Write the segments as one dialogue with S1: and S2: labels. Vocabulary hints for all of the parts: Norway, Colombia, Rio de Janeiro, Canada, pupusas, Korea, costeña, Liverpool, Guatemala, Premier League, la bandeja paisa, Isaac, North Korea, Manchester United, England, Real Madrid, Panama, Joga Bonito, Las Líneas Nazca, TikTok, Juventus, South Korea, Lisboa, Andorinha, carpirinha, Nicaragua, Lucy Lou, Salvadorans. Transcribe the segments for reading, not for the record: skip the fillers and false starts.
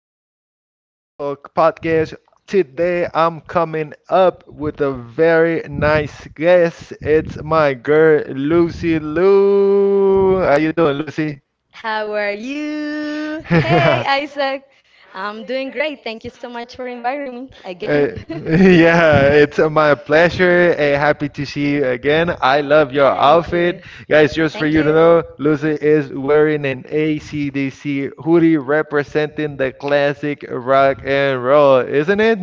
S1: this beautiful podcast. Today, I'm coming up with a very nice guest. It's my girl, Lucy Lou. How you doing, Lucy?
S2: How are you? Hey, Isaac. I'm doing great. Thank you so much for inviting me again.
S1: Uh, yeah, it's my pleasure. Happy to see you again. I love your
S2: Thank you.
S1: outfit. Guys, just
S2: Thank
S1: for you
S2: you.
S1: to know, Lucy is wearing an AC/DC hoodie representing the classic rock and roll, isn't it?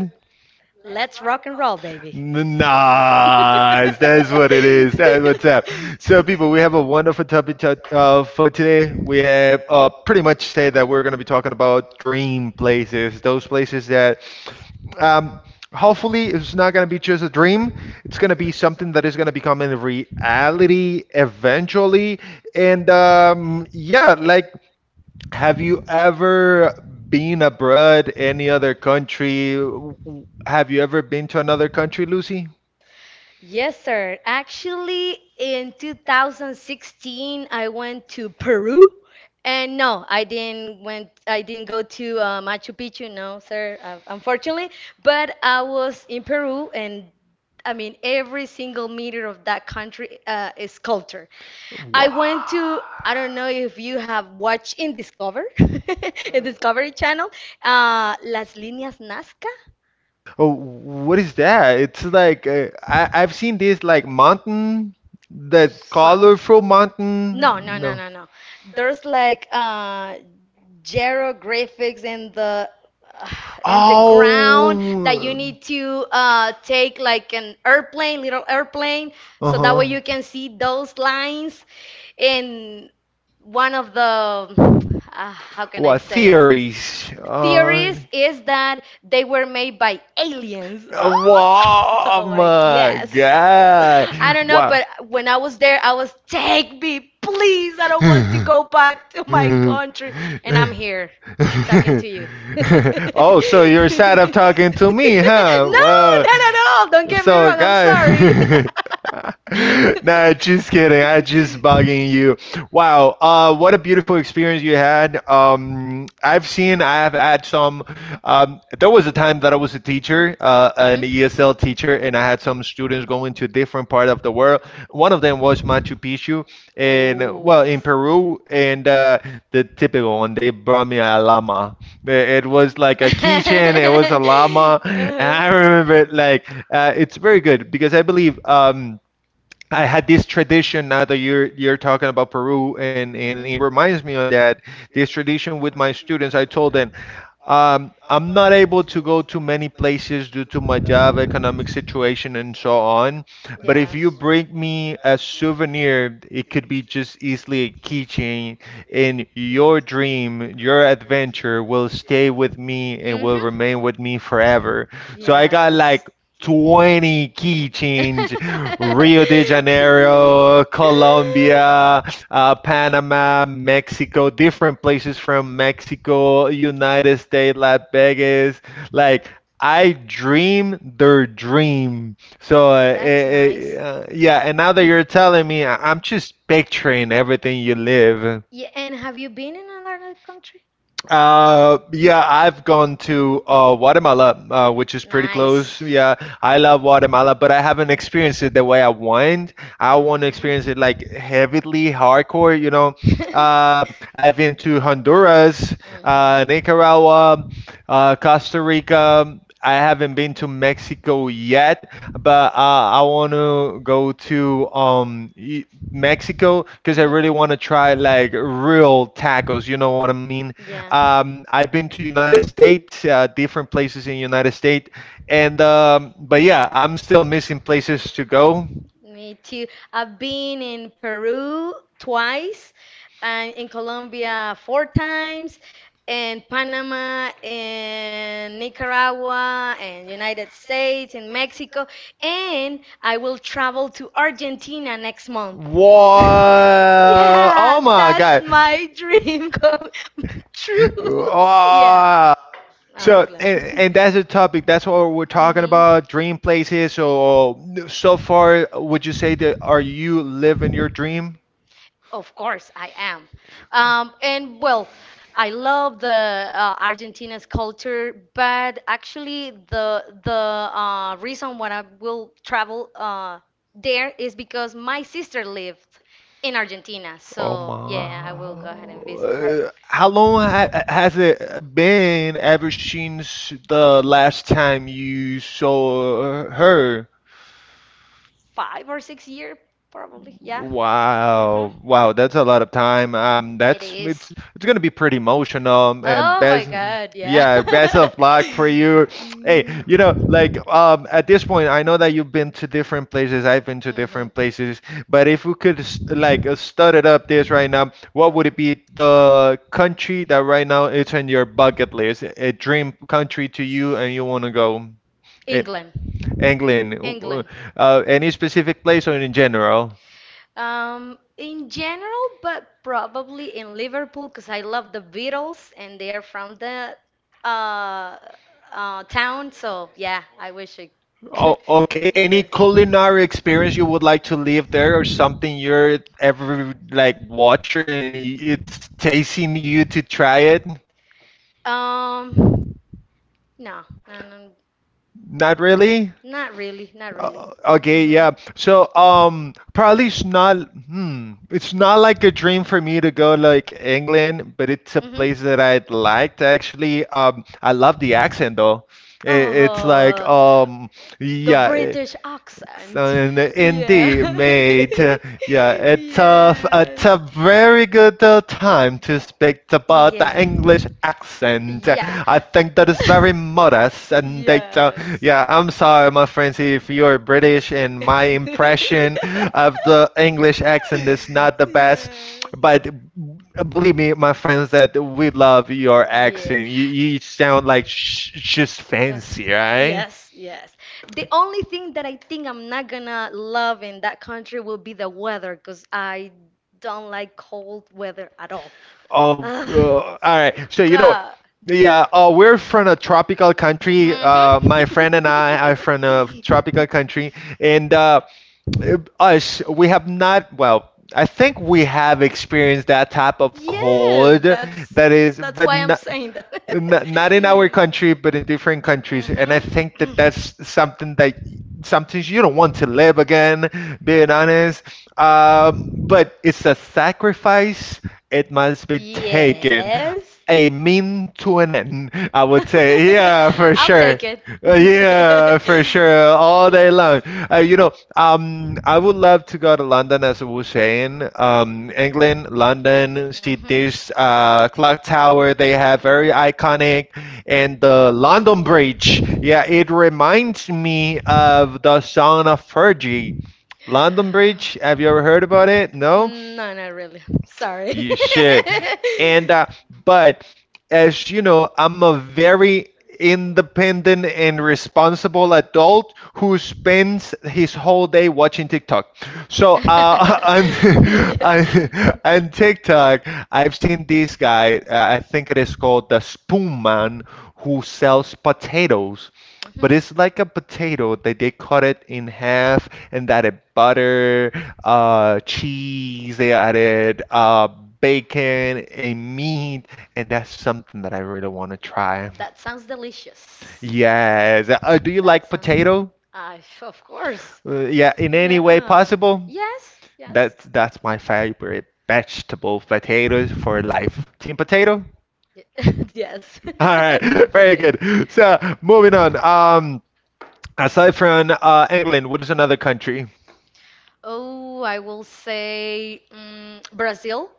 S2: Let's rock and roll, baby.
S1: N- Nice. That's what it is. That's what's up. So, people, we have a wonderful topic for today. We have pretty much said that we're going to be talking about dream places, those places that um, hopefully it's not going to be just a dream. It's going to be something that is going to become a reality eventually. And yeah, like, have you ever been abroad, any other country? W- w- Have you ever been to another country, Lucy?
S2: Yes, sir. Actually, in 2016, I went to Peru, and no, I didn't went. I didn't go to Machu Picchu, no, sir, unfortunately. But I was in Peru, and I mean, every single meter of that country is culture. I went
S1: Wow.
S2: to. I don't know if you have watched in Discover, in Discovery Channel, Las Líneas Nazca.
S1: Oh, what is that? It's like uh, I've seen this like mountain, that
S2: Some
S1: colorful mountain.
S2: no no no
S1: No.
S2: no no. There's like gyrographics in uh, the ground that you
S1: Oh.
S2: need to take like an airplane, little airplane, so that
S1: Uh-huh.
S2: way you can see those lines in one of the how can I
S1: What
S2: say?
S1: theories?
S2: Theories is that they were made by aliens.
S1: Wow,
S2: Oh, like
S1: my
S2: yes. I don't know,
S1: God.
S2: but when I was there, I was take me, please. I don't want to
S1: Wow.
S2: go back to my country, and I'm here talking to you.
S1: Oh, so you're sad of talking to me, huh?
S2: No,
S1: Well,
S2: not at all. Don't get me
S1: so
S2: wrong. I'm sorry.
S1: guys, nah, just kidding. I just bugging you. Wow, what a beautiful experience you had. I've seen, I've had some. There was a time that I was a teacher, an ESL teacher, and I had some students going to different part of the world. One of them was Machu Picchu and
S2: Mhm.
S1: well in Peru, and
S2: Oh.
S1: the typical one, they brought me a llama. It was like a keychain, it was a llama, and I remember it like it's very good because I believe I had this tradition. Now that you're talking about Peru, and it reminds me of that, this tradition with my students. I told them I'm not able to go to many places due to my job, economic situation, and so on. But if you bring me a souvenir, it could be just easily a keychain, and your dream, your adventure will stay with me and
S2: Uh-huh.
S1: will
S2: Mhm.
S1: remain with me forever.
S2: Yes.
S1: So I got
S2: Mm-hmm. Yes.
S1: like 20 keychains, Rio de Janeiro, Colombia, Panama, Mexico, different places from Mexico, United States, Las Vegas. Like I dream their dream. So
S2: That's nice.
S1: yeah, and now that you're telling me, I'm just picturing everything you live.
S2: Yeah, and have you been in another country?
S1: Yeah, I've gone to Guatemala, which is pretty close. Yeah, I love Guatemala, but I haven't experienced it the way I want. I want to experience it like heavily hardcore, you know. I've been to Honduras, Nicaragua, Costa Rica. I haven't been to Mexico yet, but I want to go to Mexico because I really want to try like real tacos. You know what I mean? I've been to United States, different places in United States, and but yeah, I'm still missing places to go.
S2: Me too. I've been in Peru twice, and in Colombia four times, and Panama, and Nicaragua, and United States, and Mexico, and I will travel to Argentina next month.
S1: What?
S2: Yeah,
S1: Oh my
S2: that's
S1: God!
S2: my dream come true. Yeah,
S1: Wow.
S2: I'm
S1: So
S2: glad.
S1: and that's the topic. That's what we're talking
S2: Mhm.
S1: about. Dream places. So so far, would you say that are you living your dream?
S2: Of course, I am. And well, I love the Argentina's culture, but actually, the reason why I will travel there is because my sister lived in Argentina.
S1: Oh
S2: So yeah, I will go ahead and
S1: my.
S2: visit her.
S1: How long ha has it been ever since the last time you saw her?
S2: 5 or 6 year, probably. Yeah. Mhm.
S1: Wow, wow, that's a lot of time.
S2: It
S1: That's it's
S2: is.
S1: it's gonna be pretty emotional, and
S2: Oh my
S1: best,
S2: God, yeah.
S1: yeah, best of luck for you. Hey,
S2: Mm.
S1: you know, like at this point, I know that you've been to different places. I've been to
S2: Mhm.
S1: different places, but if we could start it up this right now, what would it be the country that right now it's on your bucket list, a dream country to you, and you wanna go? It,
S2: England.
S1: England.
S2: England.
S1: Any specific place or in general?
S2: In general, but probably in Liverpool because I love the Beatles and they are from the uh, town. So yeah, I wish I
S1: Oh,
S2: could
S1: okay.
S2: be
S1: Any
S2: there.
S1: culinary experience you would like to live there, or something you're ever like watching and it's tasting you to try it?
S2: Um, no, no, no,
S1: Not really.
S2: not really, not really. Mhm.
S1: Okay, yeah.
S2: Mhm.
S1: So, probably it's not. Hmm, it's not like a dream for me to go like England, but it's a place that I'd liked actually. I love the accent though. It's like
S2: Oh, the
S1: yeah.
S2: British accent.
S1: And
S2: Yeah.
S1: indeed, mate. Yeah, it's
S2: Yes.
S1: a very good time to speak about the
S2: Yeah.
S1: English accent.
S2: Yeah.
S1: I think that is very modest, and that
S2: Yes.
S1: yeah, I'm sorry, my friends, if you're British and my impression of the English accent is not the best, but believe me, my friends, that we love your
S2: Yes. Yeah.
S1: accent. You sound like sh just
S2: Ugh.
S1: fancy, right?
S2: Yes, yes. The only thing that I think I'm not gonna love in that country will be the weather, because I don't like cold weather at all.
S1: Oh,
S2: Ugh,
S1: all right.
S2: my
S1: So you know what?
S2: God.
S1: Yeah, we're from a tropical country.
S2: Mhm.
S1: My friend and I are from a tropical country, and us, we have not, well, I think we have experienced that type of cold
S2: That's
S1: that is, but not.
S2: that.
S1: Not, not in our country, but in different countries, and I think that that's something
S2: Been
S1: that
S2: taken,
S1: sometimes you don't want to live again. Being honest, but it's a sacrifice; it must be taken, a mean to an end. I would say, yeah, for
S2: sure.
S1: sure.
S2: It.
S1: Yeah, for sure, all day long. You know, I would love to go to London, as we were saying. England, London, see this clock tower they have, very iconic, and the London Bridge. Yeah, it reminds me of the song of Fergie. London Bridge, have you ever heard about it? No?
S2: No, not really. Sorry.
S1: You should. And but as you know, I'm a very independent and responsible adult who spends his whole day watching TikTok. So on, on
S2: Yeah.
S1: on TikTok, I've seen this guy. I think it is called the Spoon Man, who sells potatoes,
S2: Mhm.
S1: but it's like a potato that they cut it in half and added butter, cheese, they added bacon and meat, and that's something that I really want to try.
S2: That sounds delicious.
S1: Yes. Do you
S2: That
S1: like
S2: sounds.
S1: potato?
S2: I of course.
S1: Yeah, in any way
S2: Yeah.
S1: possible.
S2: Yes. Yes.
S1: That's my favorite vegetable, potatoes for life. Team potato?
S2: Y- yes.
S1: All right,
S2: Two
S1: very
S2: potato.
S1: good. So moving on. Aside from England, what is another country?
S2: Oh, I will say Brazil.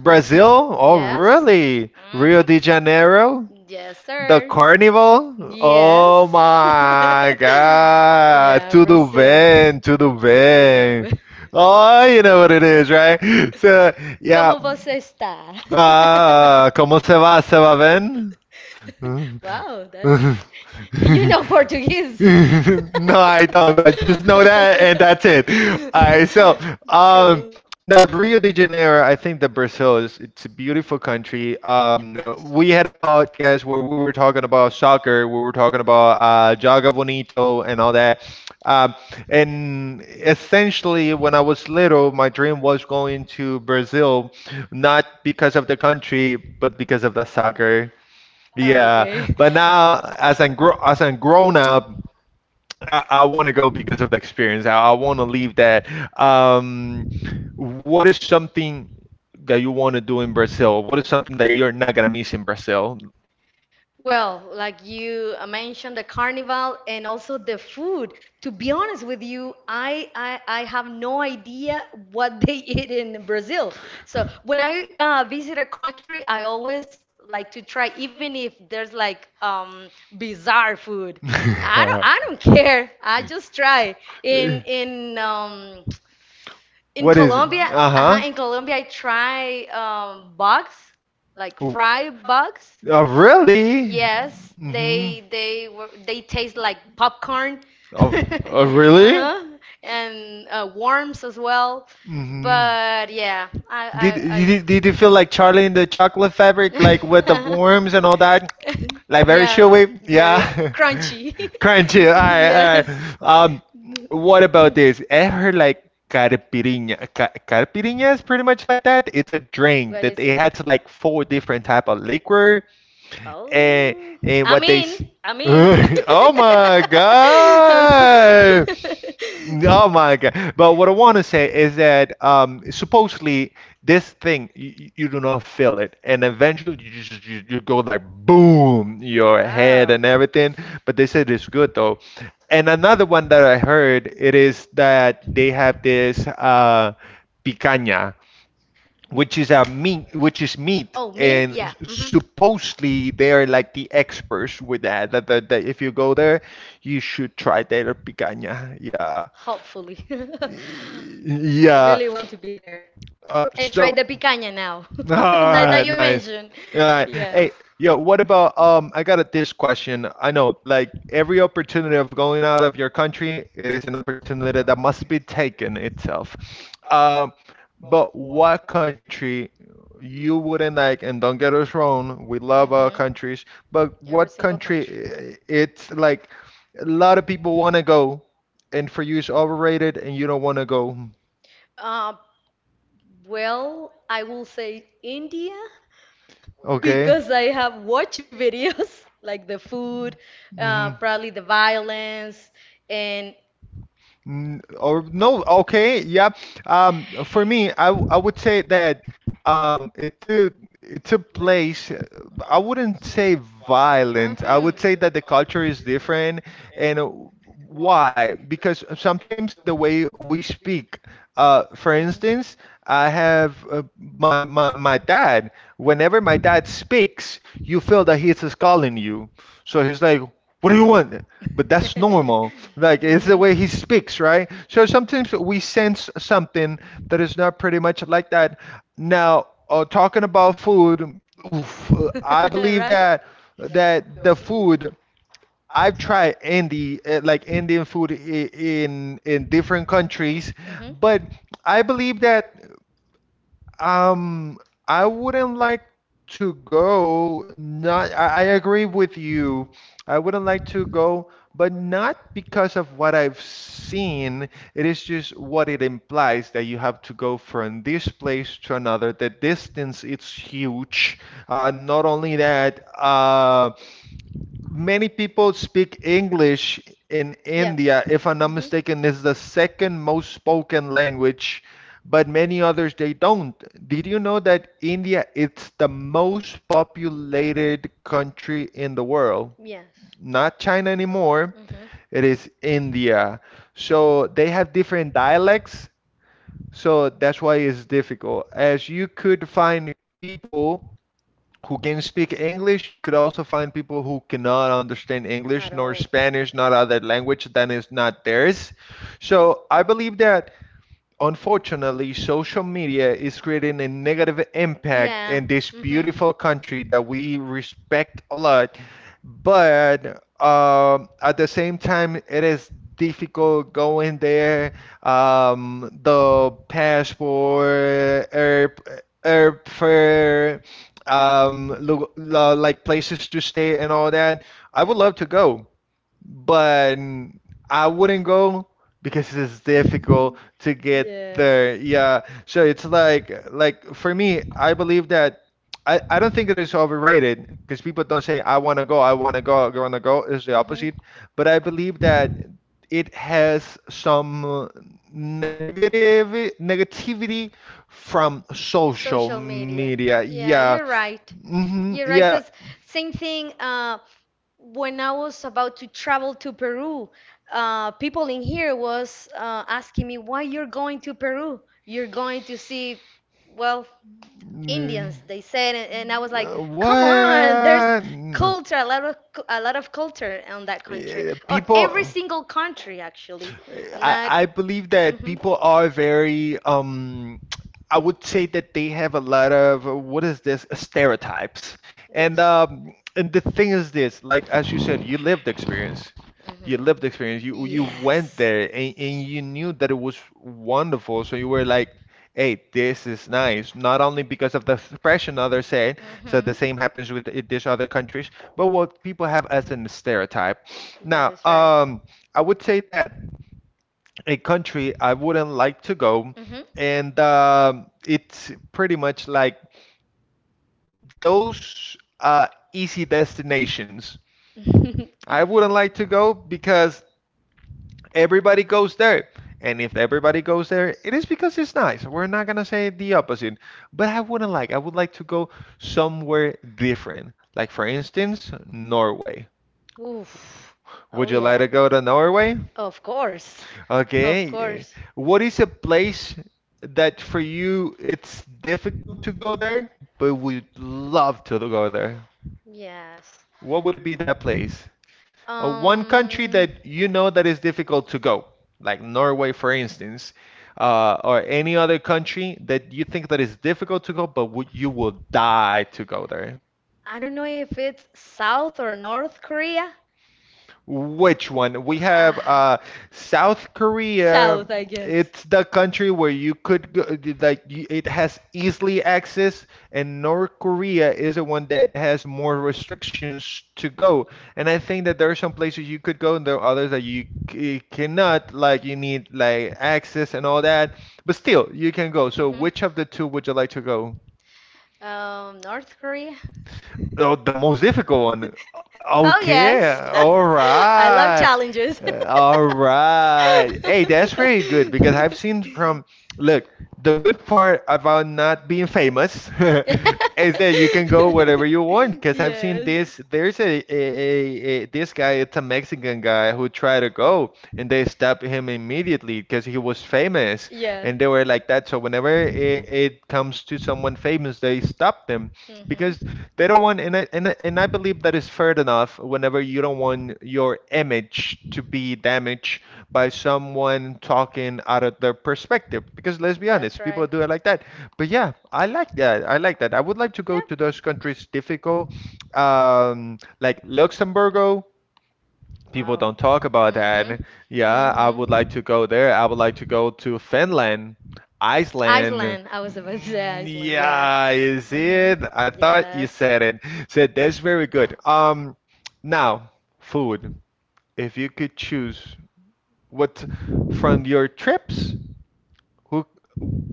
S1: Brazil? Oh,
S2: Yes.
S1: really? Rio de Janeiro?
S2: Yes,
S1: The
S2: the
S1: carnival? Oh my God. Tudo bem, tudo bem.
S2: bem.
S1: Oh, you know what it is, right? So, yeah.
S2: você está?
S1: Ah, ah, ah. Como se va? Se va bien?
S2: Wow, you know Portuguese.
S1: no, I
S2: No,
S1: don't. I just know that, and that's it. All right. So, um,
S2: um,
S1: no, the Rio de Janeiro. I think that Brazil is it's a beautiful country. No, we had a podcast where we were talking about soccer. We were talking about Joga
S2: Mhm.
S1: Bonito and all that. Um, and essentially, when I was little, my dream was going to Brazil, not because of the country, but because of the soccer.
S2: Oh, okay.
S1: Yeah, but now as I'm grown up, I want to go because of the experience. I want to leave that. Um, what is something that you want to do in Brazil? What is something that you're not gonna miss in Brazil?
S2: Well, like you mentioned, the carnival and also the food. To be honest with you, I have no idea what they eat in Brazil. So when I visit a country, I always like to try, even if there's like bizarre food. I don't care. I just try. In in um, In
S1: What is it?
S2: Colombia, uh
S1: Uh-huh.
S2: in Colombia, I try bugs, like
S1: Oh,
S2: fried bugs.
S1: oh, really?
S2: Yes,
S1: Hmm.
S2: they taste like popcorn.
S1: Oh, oh, really?
S2: Uh-huh. And worms as well.
S1: Hmm.
S2: But yeah,
S1: Did
S2: I
S1: did did you feel like Charlie in the Chocolate Fabric, like with the worms and all that, like very
S2: yeah,
S1: chewy? Yeah,
S2: very crunchy.
S1: crunchy. All right, all right.
S2: Yes.
S1: Um, what about this? Ever like carpirinha? Ca carpirinha is pretty much like that. It's a drink
S2: What
S1: that
S2: is
S1: it
S2: it?
S1: has like four different type of liquor, and
S2: Oh.
S1: and
S2: I'm
S1: what they. S-
S2: I'm
S1: oh my God! Oh my God. But what I want to say is that supposedly this thing you do not feel it, and eventually you just you go like boom, your head
S2: Wow.
S1: and everything. But they said it's good though. And another one that I heard it is that they have this picanha, which is a meat,
S2: Mm-mm.
S1: which is meat,
S2: Oh, meat?
S1: and
S2: Yeah. Mm-hmm.
S1: supposedly they are like the experts with that. That if you go there, you should try their picanha. Yeah.
S2: Hopefully. I
S1: Yeah.
S2: really want to be there
S1: Uh,
S2: and
S1: so.
S2: try the picanha now.
S1: All
S2: Now that
S1: right,
S2: you
S1: nice.
S2: mentioned.
S1: All right. Hey,
S2: Yes.
S1: yo, what about I got a this question. I know like every opportunity of going out of your country, it is an opportunity that must be taken itself. Um, but what country you wouldn't like, and don't get us wrong, we love our
S2: Mhm.
S1: countries, but
S2: Every
S1: what
S2: single country.
S1: country it's like a lot of people want to go, and for you it's overrated and you don't want to go.
S2: Uh, well, I will say India
S1: Okay?
S2: because I have watched videos like the food,
S1: Hmm.
S2: probably the violence, and.
S1: Or no, okay, yeah. For me, I would say that it's a place. I wouldn't say violent. I would
S2: Mhm.
S1: say that the culture is different, and why? Because sometimes the way we speak. For instance, I have my dad. Whenever my dad speaks, you feel that he's scolding you. So he's like, "What do you want?" But that's
S2: Mhm.
S1: normal. Like it's the way he speaks, right? So sometimes we sense something that is not pretty much like that. Now, talking about food, oof, I believe
S2: Right?
S1: that the food I've tried Indi like Indian food in different countries,
S2: Mhm.
S1: but I believe that um, I wouldn't like to go. Not, I agree with you. I wouldn't like to go, but not because of what I've seen. It is just what it implies that you have to go from this place to another. The distance it's huge. Not only that, many people speak English in
S2: Yeah.
S1: India. If I'm not
S2: Mhm.
S1: mistaken, is the second most spoken language, but many others they don't. Did you know that India it's the most populated country in the world?
S2: Yes.
S1: Not China anymore.
S2: Unfortunately.
S1: It is India. So they have different dialects. So that's why it's difficult. As you could find people who can speak English. You could also find people who cannot understand
S2: Mhm. At
S1: English nor
S2: all.
S1: Spanish, not other language than is not theirs. So I believe that unfortunately, social media is creating a negative impact
S2: Yeah.
S1: in this
S2: Hmm.
S1: beautiful country that we respect a lot. But at the same time, it is difficult going there. The passport, airfare, like places to stay and all that. I would love to go, but I wouldn't go because it's difficult to get
S2: Yes.
S1: there.
S2: Hmm.
S1: Yeah, so it's like for me, I believe that I don't think it is overrated because people don't say I want to go, I want to go, I want to go. It's the opposite, but I believe that it has some negative negativity from social
S2: Social media.
S1: media.
S2: Yeah,
S1: Yeah.
S2: you're right.
S1: Hmm.
S2: You're right,
S1: Yeah.
S2: because same thing. When I was about to travel to Peru, people in here was asking me why you're going to Peru. You're going to see, well,
S1: Mm.
S2: Indians, they said, and I was like,
S1: Uh,
S2: come on, there's
S1: what?
S2: culture, a lot of culture on that country, on
S1: People,
S2: every single country actually,
S1: eh, I,
S2: not.
S1: I believe that
S2: Mhm.
S1: people are very, I would say that they have a lot of, stereotypes.
S2: Yes.
S1: And the thing is this, like as you said, you lived the experience. You
S2: Mhm.
S1: lived the experience. You went
S2: Yes.
S1: there
S2: Mhm.
S1: and you knew that it was wonderful. So you were like, hey, this is nice. Not only because of the expression others said, so the same happens with these other countries, but what people have as a stereotype.
S2: That
S1: Now,
S2: is right.
S1: I would say that a country I wouldn't like to go, and it's pretty much like those easy destinations.
S2: Mhm.
S1: I wouldn't like to go because everybody goes there. And if everybody goes there, it is because it's nice. We're not gonna say the opposite. But I wouldn't like, I would like to go somewhere different. Like for instance, Norway.
S2: Oof. Oh
S1: Would you like
S2: yeah.
S1: to go to Norway?
S2: Of course. Of
S1: Okay.
S2: course.
S1: What is a place that for you it's difficult to go there, but would love to go there?
S2: Yes.
S1: What would it be that place? One country
S2: Um,
S1: that you know that is difficult to go, like Norway, for instance, or any other country that you think that is difficult to go, but would you will die to go there.
S2: I don't know if it's South or North Korea.
S1: Which one? We have
S2: Ah,
S1: South Korea.
S2: South, I guess.
S1: It's the country where you could go, like you, it has easily access, and North Korea is the one that has more restrictions to go. And I think that there are some places you could go, and there are others that you cannot. Like you need like access and all that, but still you can go. So
S2: Mhm.
S1: which of the two would you like to go?
S2: North Korea.
S1: Oh, the most difficult one.
S2: Oh
S1: Okay,
S2: yes.
S1: all
S2: I love
S1: right.
S2: challenges.
S1: Hey, that's very good because I've seen from, look, the good part about not being famous
S2: Is
S1: is that you
S2: that
S1: can
S2: you.
S1: go wherever you want. Because I've seen this, there's a this guy, it's a Mexican guy who tried to go and they stopped him immediately because he was famous.
S2: Yeah.
S1: And they were like that. So whenever it comes to someone famous, they stop them because
S2: Mhm.
S1: they don't want, and I, and I and I believe that is fair enough. Whenever you don't want your image to be damaged by someone talking out of their perspective, because let's be honest, people do it like that. But yeah, I like that. I like that. I would like to go to those countries
S2: People.
S1: difficult, like Luxembourg people don't
S2: People
S1: talk about that. Yeah, I would like to go there. I would like to go to Finland, Iceland.
S2: Iceland. I was about to say
S1: Mm.
S2: Iceland. Yeah.
S1: Yeah, is it?
S2: Mhm.
S1: I thought you
S2: Yes.
S1: said it. Said that's very good. Now, food. If you could choose what from your trips, who,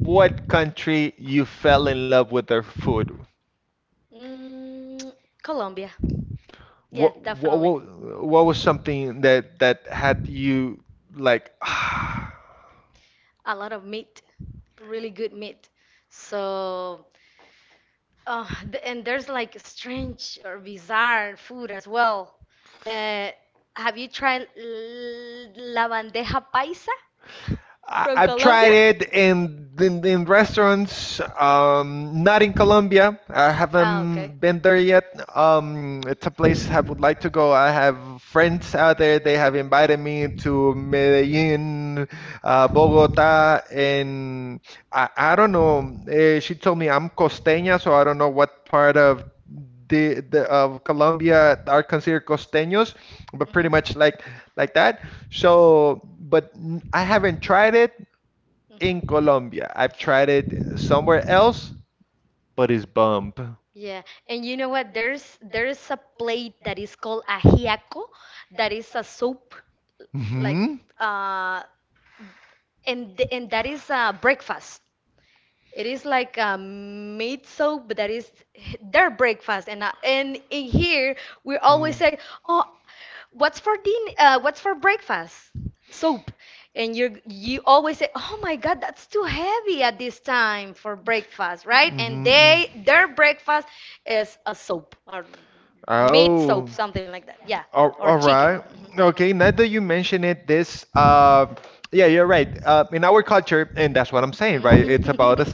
S1: what country you fell in love with their food?
S2: Mm, Colombia. Yeah,
S1: What what
S2: definitely.
S1: what, what was something that that had you like
S2: A lot of meat, really good meat. So, and there's like strange or bizarre food as well. Uh, have you tried la bandeja paisa from
S1: I've
S2: Colombia?
S1: tried it in, in restaurants, not in Colombia. I haven't been there yet. It's a place I would like to go. I have friends out there. They have invited me to Medellin, Bogota, and I don't know. She told me I'm costeña, so I don't know what part of the of Colombia are considered costeños, but pretty much like that. So, but I haven't tried it in Colombia. I've tried it somewhere else, but it's bump.
S2: Yeah, and you know what? There's a plate that is called ajiaco, that is a soup, like
S1: Hmm.
S2: uh, and that is a breakfast. It is like a meat soup, but that is their breakfast. And in here we always say, "Oh, what's for din? What's for breakfast? Soup." And you always say, "Oh my God, that's too heavy at this time for breakfast, right?" And they their breakfast is a soup or meat soup,
S1: Oh,
S2: something like that. Yeah, or
S1: all
S2: chicken.
S1: right.
S2: Mhm.
S1: Okay, now that you mention it, this, yeah, you're right. In our culture, and that's what I'm saying, right? It's about the
S2: Mhm.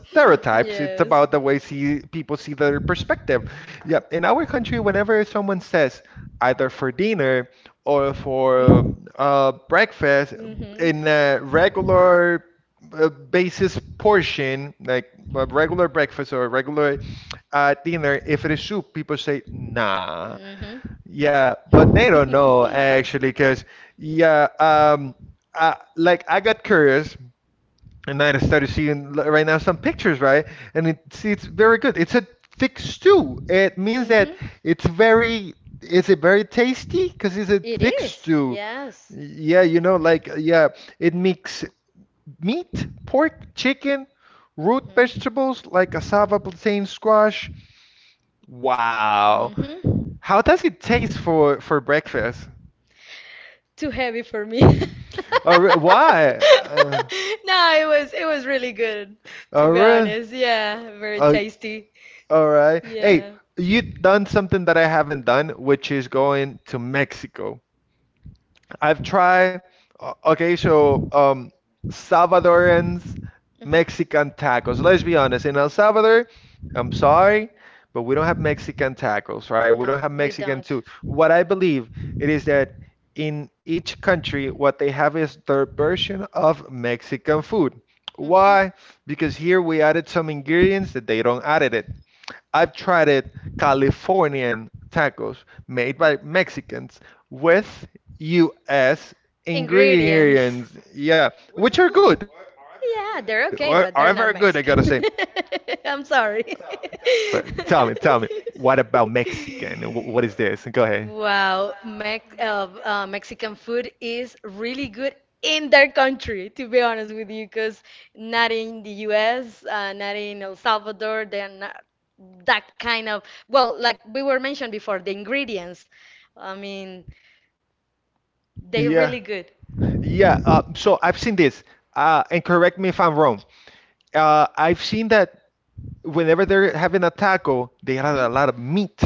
S1: It's
S2: Yes.
S1: about the way see people see their perspective. Yeah, in our country, whenever someone says either for dinner or for breakfast,
S2: Mhm.
S1: in a
S2: Mhm.
S1: regular basis portion, like a regular breakfast or a regular dinner, if it is soup, people say, nah, yeah, but they don't know actually, because, yeah, like I got curious and I started seeing right now some pictures, right? And it, see, it's very good. It's a thick stew. It means that
S2: Mhm.
S1: it's very, is it very tasty? Because it's a
S2: It
S1: thick
S2: is.
S1: stew.
S2: Yes.
S1: Yeah, you know, like, yeah, it makes meat, pork, chicken, root
S2: Mhm.
S1: vegetables like cassava, plantain, squash. Wow.
S2: Mhm.
S1: How does it taste for breakfast?
S2: Too heavy for me.
S1: Or why?
S2: No, it was really good,
S1: Oh,
S2: to be
S1: really?
S2: honest. Yeah, very
S1: Oh,
S2: tasty.
S1: all right. Hey,
S2: Yeah.
S1: you
S2: Mhm.
S1: done something that I haven't done, which is going to Mexico. I've tried. Okay, so Salvadorans Mexican tacos. Let's be honest. In El Salvador, I'm sorry, but we don't have Mexican tacos, right? We
S2: No,
S1: don't have
S2: we
S1: Mexican
S2: don't.
S1: food. What I believe it is that in each country, what they have is their version of Mexican food.
S2: Mhm.
S1: Why? Because here we added some ingredients that they don't added it. I've tried it Californian tacos made by Mexicans with US
S2: Ingredients.
S1: ingredients. Yeah, which are good. Are very
S2: Yeah,
S1: good, I
S2: they're
S1: gotta
S2: okay,
S1: say.
S2: but they're not Mexican. I'm sorry.
S1: But tell me, what about Mexican? What is this? Go ahead.
S2: Wow, Mexican food is really good in their country, to be honest with you, because not in the US, not in El Salvador, they're not that kind of, well, like we were mentioned before, the ingredients. I mean, they're
S1: Yeah.
S2: really good.
S1: Yeah, so I've seen this, and correct me if I'm wrong. I've seen that whenever they're having a taco, they add
S2: Hmm.
S1: a lot of meat.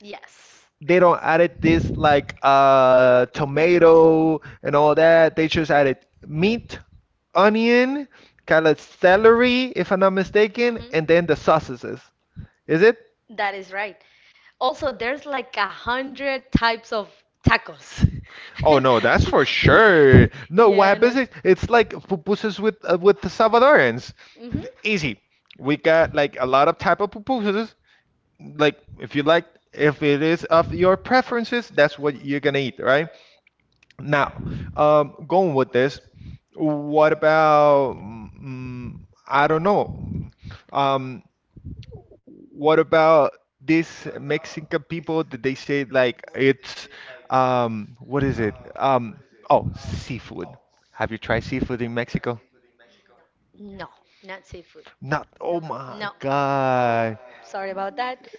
S2: Yes.
S1: They don't added this like tomato and all that. They just added meat, onion, kind of
S2: Hmm.
S1: celery, if I'm not mistaken, and then the sausages. Is it?
S2: That is right. Also, there's like 100 types of tacos.
S1: Oh no, that's for sure. No, what
S2: Yeah, not.
S1: happens is it's like pupusas with the Salvadorans.
S2: Hmm.
S1: Easy. We got like a lot of type of pupusas. Like if you like, if it is of your preferences, that's what you're gonna eat, right? Now, going with this, what about, mm, I don't know, um, what about these Mexican people that they say like it's, what is it? Oh, seafood. Have you tried seafood in Mexico?
S2: No, not seafood.
S1: Not,
S2: No.
S1: oh my
S2: Oh,
S1: God.
S2: sorry about that,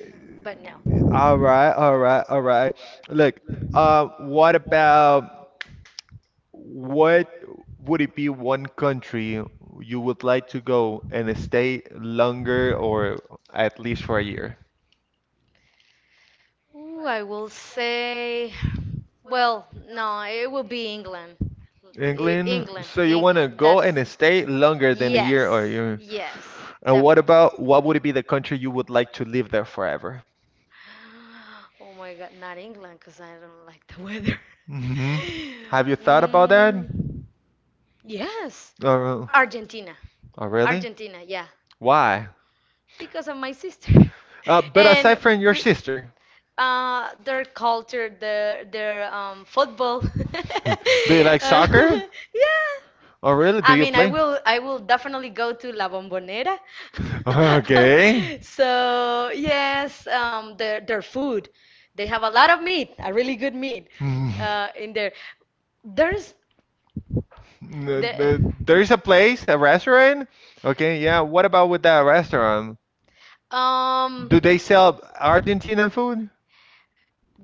S2: but no.
S1: All right, all right, all right. Look, what about? What would it be one country you would like to go and stay longer or at least for a year?
S2: Ooh, I will say, well, no, it will be England.
S1: England,
S2: England,
S1: so you want
S2: England.
S1: to go
S2: That's
S1: and stay longer than a year or
S2: yes,
S1: a year.
S2: yes,
S1: And
S2: definitely.
S1: what about what would it be the country you would like to live there forever?
S2: Oh my God, not England, because I don't like the weather.
S1: Hmm. Have you thought about that?
S2: Mm, yes,
S1: Or,
S2: Argentina,
S1: oh, really?
S2: Argentina, yeah,
S1: Why?
S2: because of my sister
S1: But
S2: and
S1: aside from your
S2: be-
S1: sister,
S2: their culture their football.
S1: do you like
S2: Uh,
S1: soccer?
S2: yeah,
S1: Oh, really? Do
S2: I
S1: you
S2: mean, I
S1: play?
S2: will, I will definitely go to La Bombonera.
S1: Okay.
S2: So yes, their food, they have a lot of meat, a really good meat,
S1: Mm.
S2: in there. There's the,
S1: There's a place, a restaurant? Okay, yeah. What about with that restaurant?
S2: um.
S1: Do they sell Argentinian food?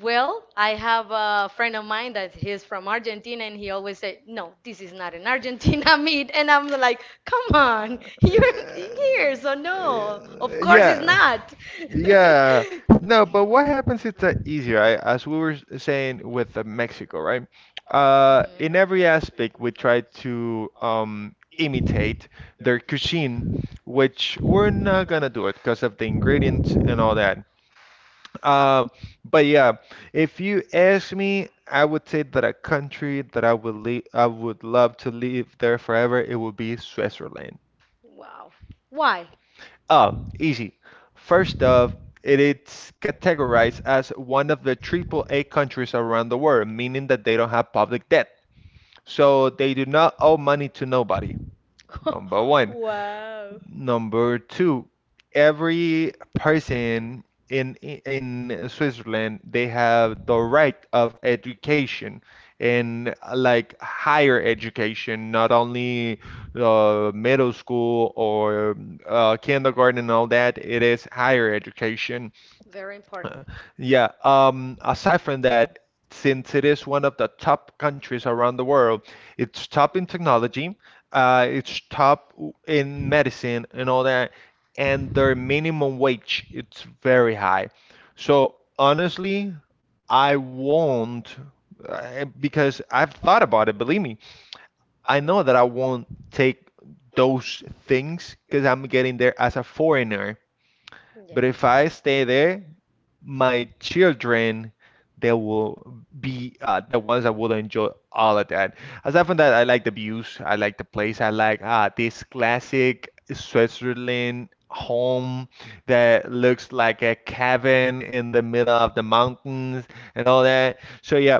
S2: Well, I have a friend of mine that he's from Argentina, and he always say, "No, this is not an Argentina meat," and I'm like, "Come on,
S1: Uh,
S2: you're in here, so no, of course it's
S1: yeah.
S2: not."
S1: Yeah. No, but what
S2: Mhm.
S1: happens it's easier, I, as we were saying with Mexico, right? In every aspect, we try to imitate their cuisine, which we're not gonna do it because of the ingredients and all that. Um, but yeah, if you ask me, I would say that a country that I would leave, I would love to live there forever, it would be Switzerland.
S2: Wow. Why?
S1: Oh, easy. First off, it is categorized as one of the AAA countries around the world, meaning that they don't have public debt. So they do not owe money to nobody, number one.
S2: Wow.
S1: Number two, every person in Switzerland, they have the right of education and like higher education, not only middle school or kindergarten and all that. It is higher education.
S2: Very important.
S1: Yeah, Aside from that, since it is one of the top countries around the world, it's top in technology, it's top in medicine and all that, and their minimum wage it's very high. So honestly, I won't because I've thought about it, believe me. I know that I won't take those things because I'm getting there as a foreigner.
S2: Yeah.
S1: But if I stay there, my children they will be the ones that will enjoy all of that. Aside from that, I like the views, I like the place, I like this classic Switzerland home that looks like a cabin in the middle of the mountains and all that. So yeah,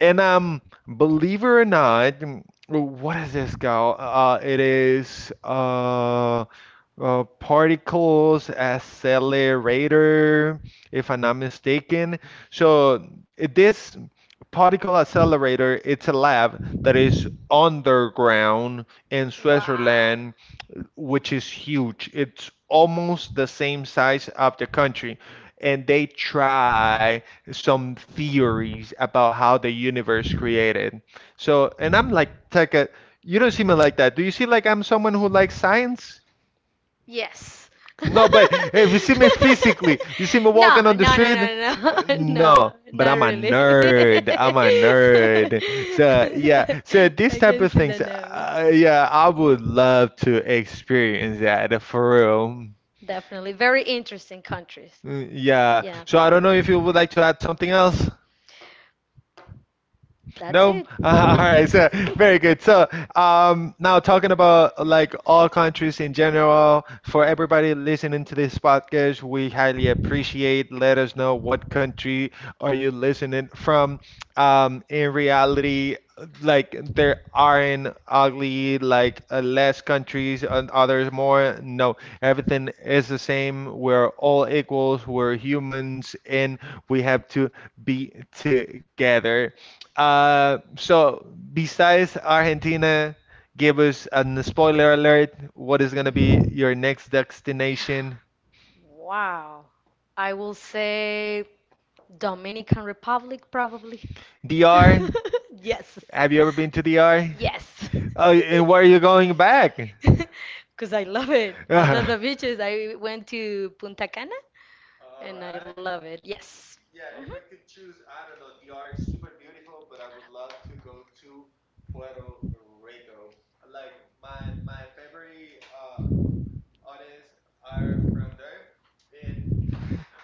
S1: and believe it or not, mm, what is this called? It is particles accelerator if I'm not mistaken. So this particle accelerator, it's a lab that is underground in
S2: Wow.
S1: Switzerland, which is huge. It's almost the same size of the country. And they try some theories about how the universe created. So, and I'm like, Tekka, you don't see me like that. Do you see like I'm someone who likes science?
S2: Yes.
S1: No, but if you see me physically, you see me walking
S2: No,
S1: on the
S2: no, no,
S1: street,
S2: no, no, no,
S1: no. But
S2: not
S1: I'm a
S2: really.
S1: nerd. I'm a nerd. So yeah. So these
S2: I
S1: type
S2: can
S1: of
S2: see the
S1: things,
S2: no.
S1: yeah, I would love to experience that for real.
S2: Definitely. Very interesting countries.
S1: Mm. Yeah.
S2: Yeah.
S1: So I don't know if you would like to add something else.
S2: That's
S1: No?
S2: it.
S1: All right. So very good. So now talking about like all countries in general, for everybody listening to this podcast, we highly appreciate. Let us know what country are you listening from, um, in reality, like there aren't ugly like less countries and others more. No, everything is the same. We're all equals. We're humans and we have to be together. So besides Argentina, give us a spoiler alert. What is going to be your next destination?
S2: Wow. I will say Dominican Republic, probably.
S1: DR.
S2: Yes.
S1: Have you ever been to DR?
S2: Yes.
S1: Oh, and why are you going back?
S2: Back? Because I love it. The beaches. I went to Punta Cana love it. Yes.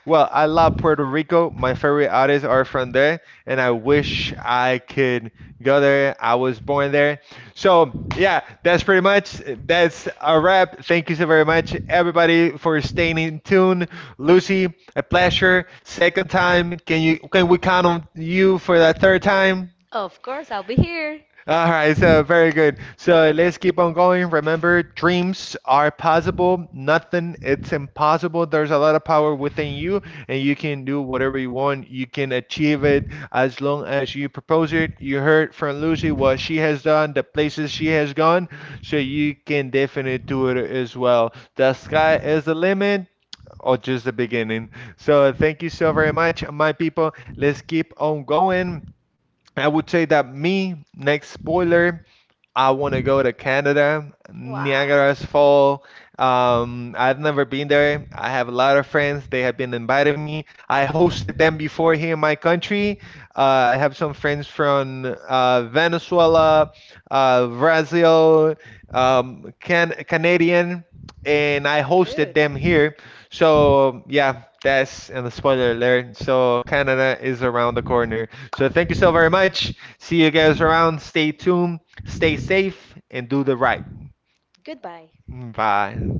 S1: Well, I love Puerto Rico. My favorite artists are from there, and I wish I could go there. I was born there. So yeah, that's pretty much, that's a wrap. Thank you so very much everybody for staying in tune. Lucy, a pleasure. Second time. Can we count on you for that third time?
S2: Of course, I'll be here.
S1: All right, so very good. So let's keep on going. Remember, dreams are possible. Nothing it's impossible. There's a lot of power within you, and you can do whatever you want. You can achieve it as long as you propose it. You heard from Lucy what she has done, the places she has gone, so you can definitely do it as well. The sky is the limit or just the beginning. So thank you so very much, my people. Let's keep on going. I would say that me next spoiler, I want to go to Canada, Niagara's Fall. I've never been there. I have a lot of friends. They have been inviting me. I hosted them before here in my country. I have some friends from Venezuela, Brazil, Canadian, and I hosted them here. So yeah, that's, and the spoiler alert. So Canada is around the corner. So thank you so very much. See you guys around. Stay tuned. Stay safe and do the right.
S2: Goodbye.
S1: Bye.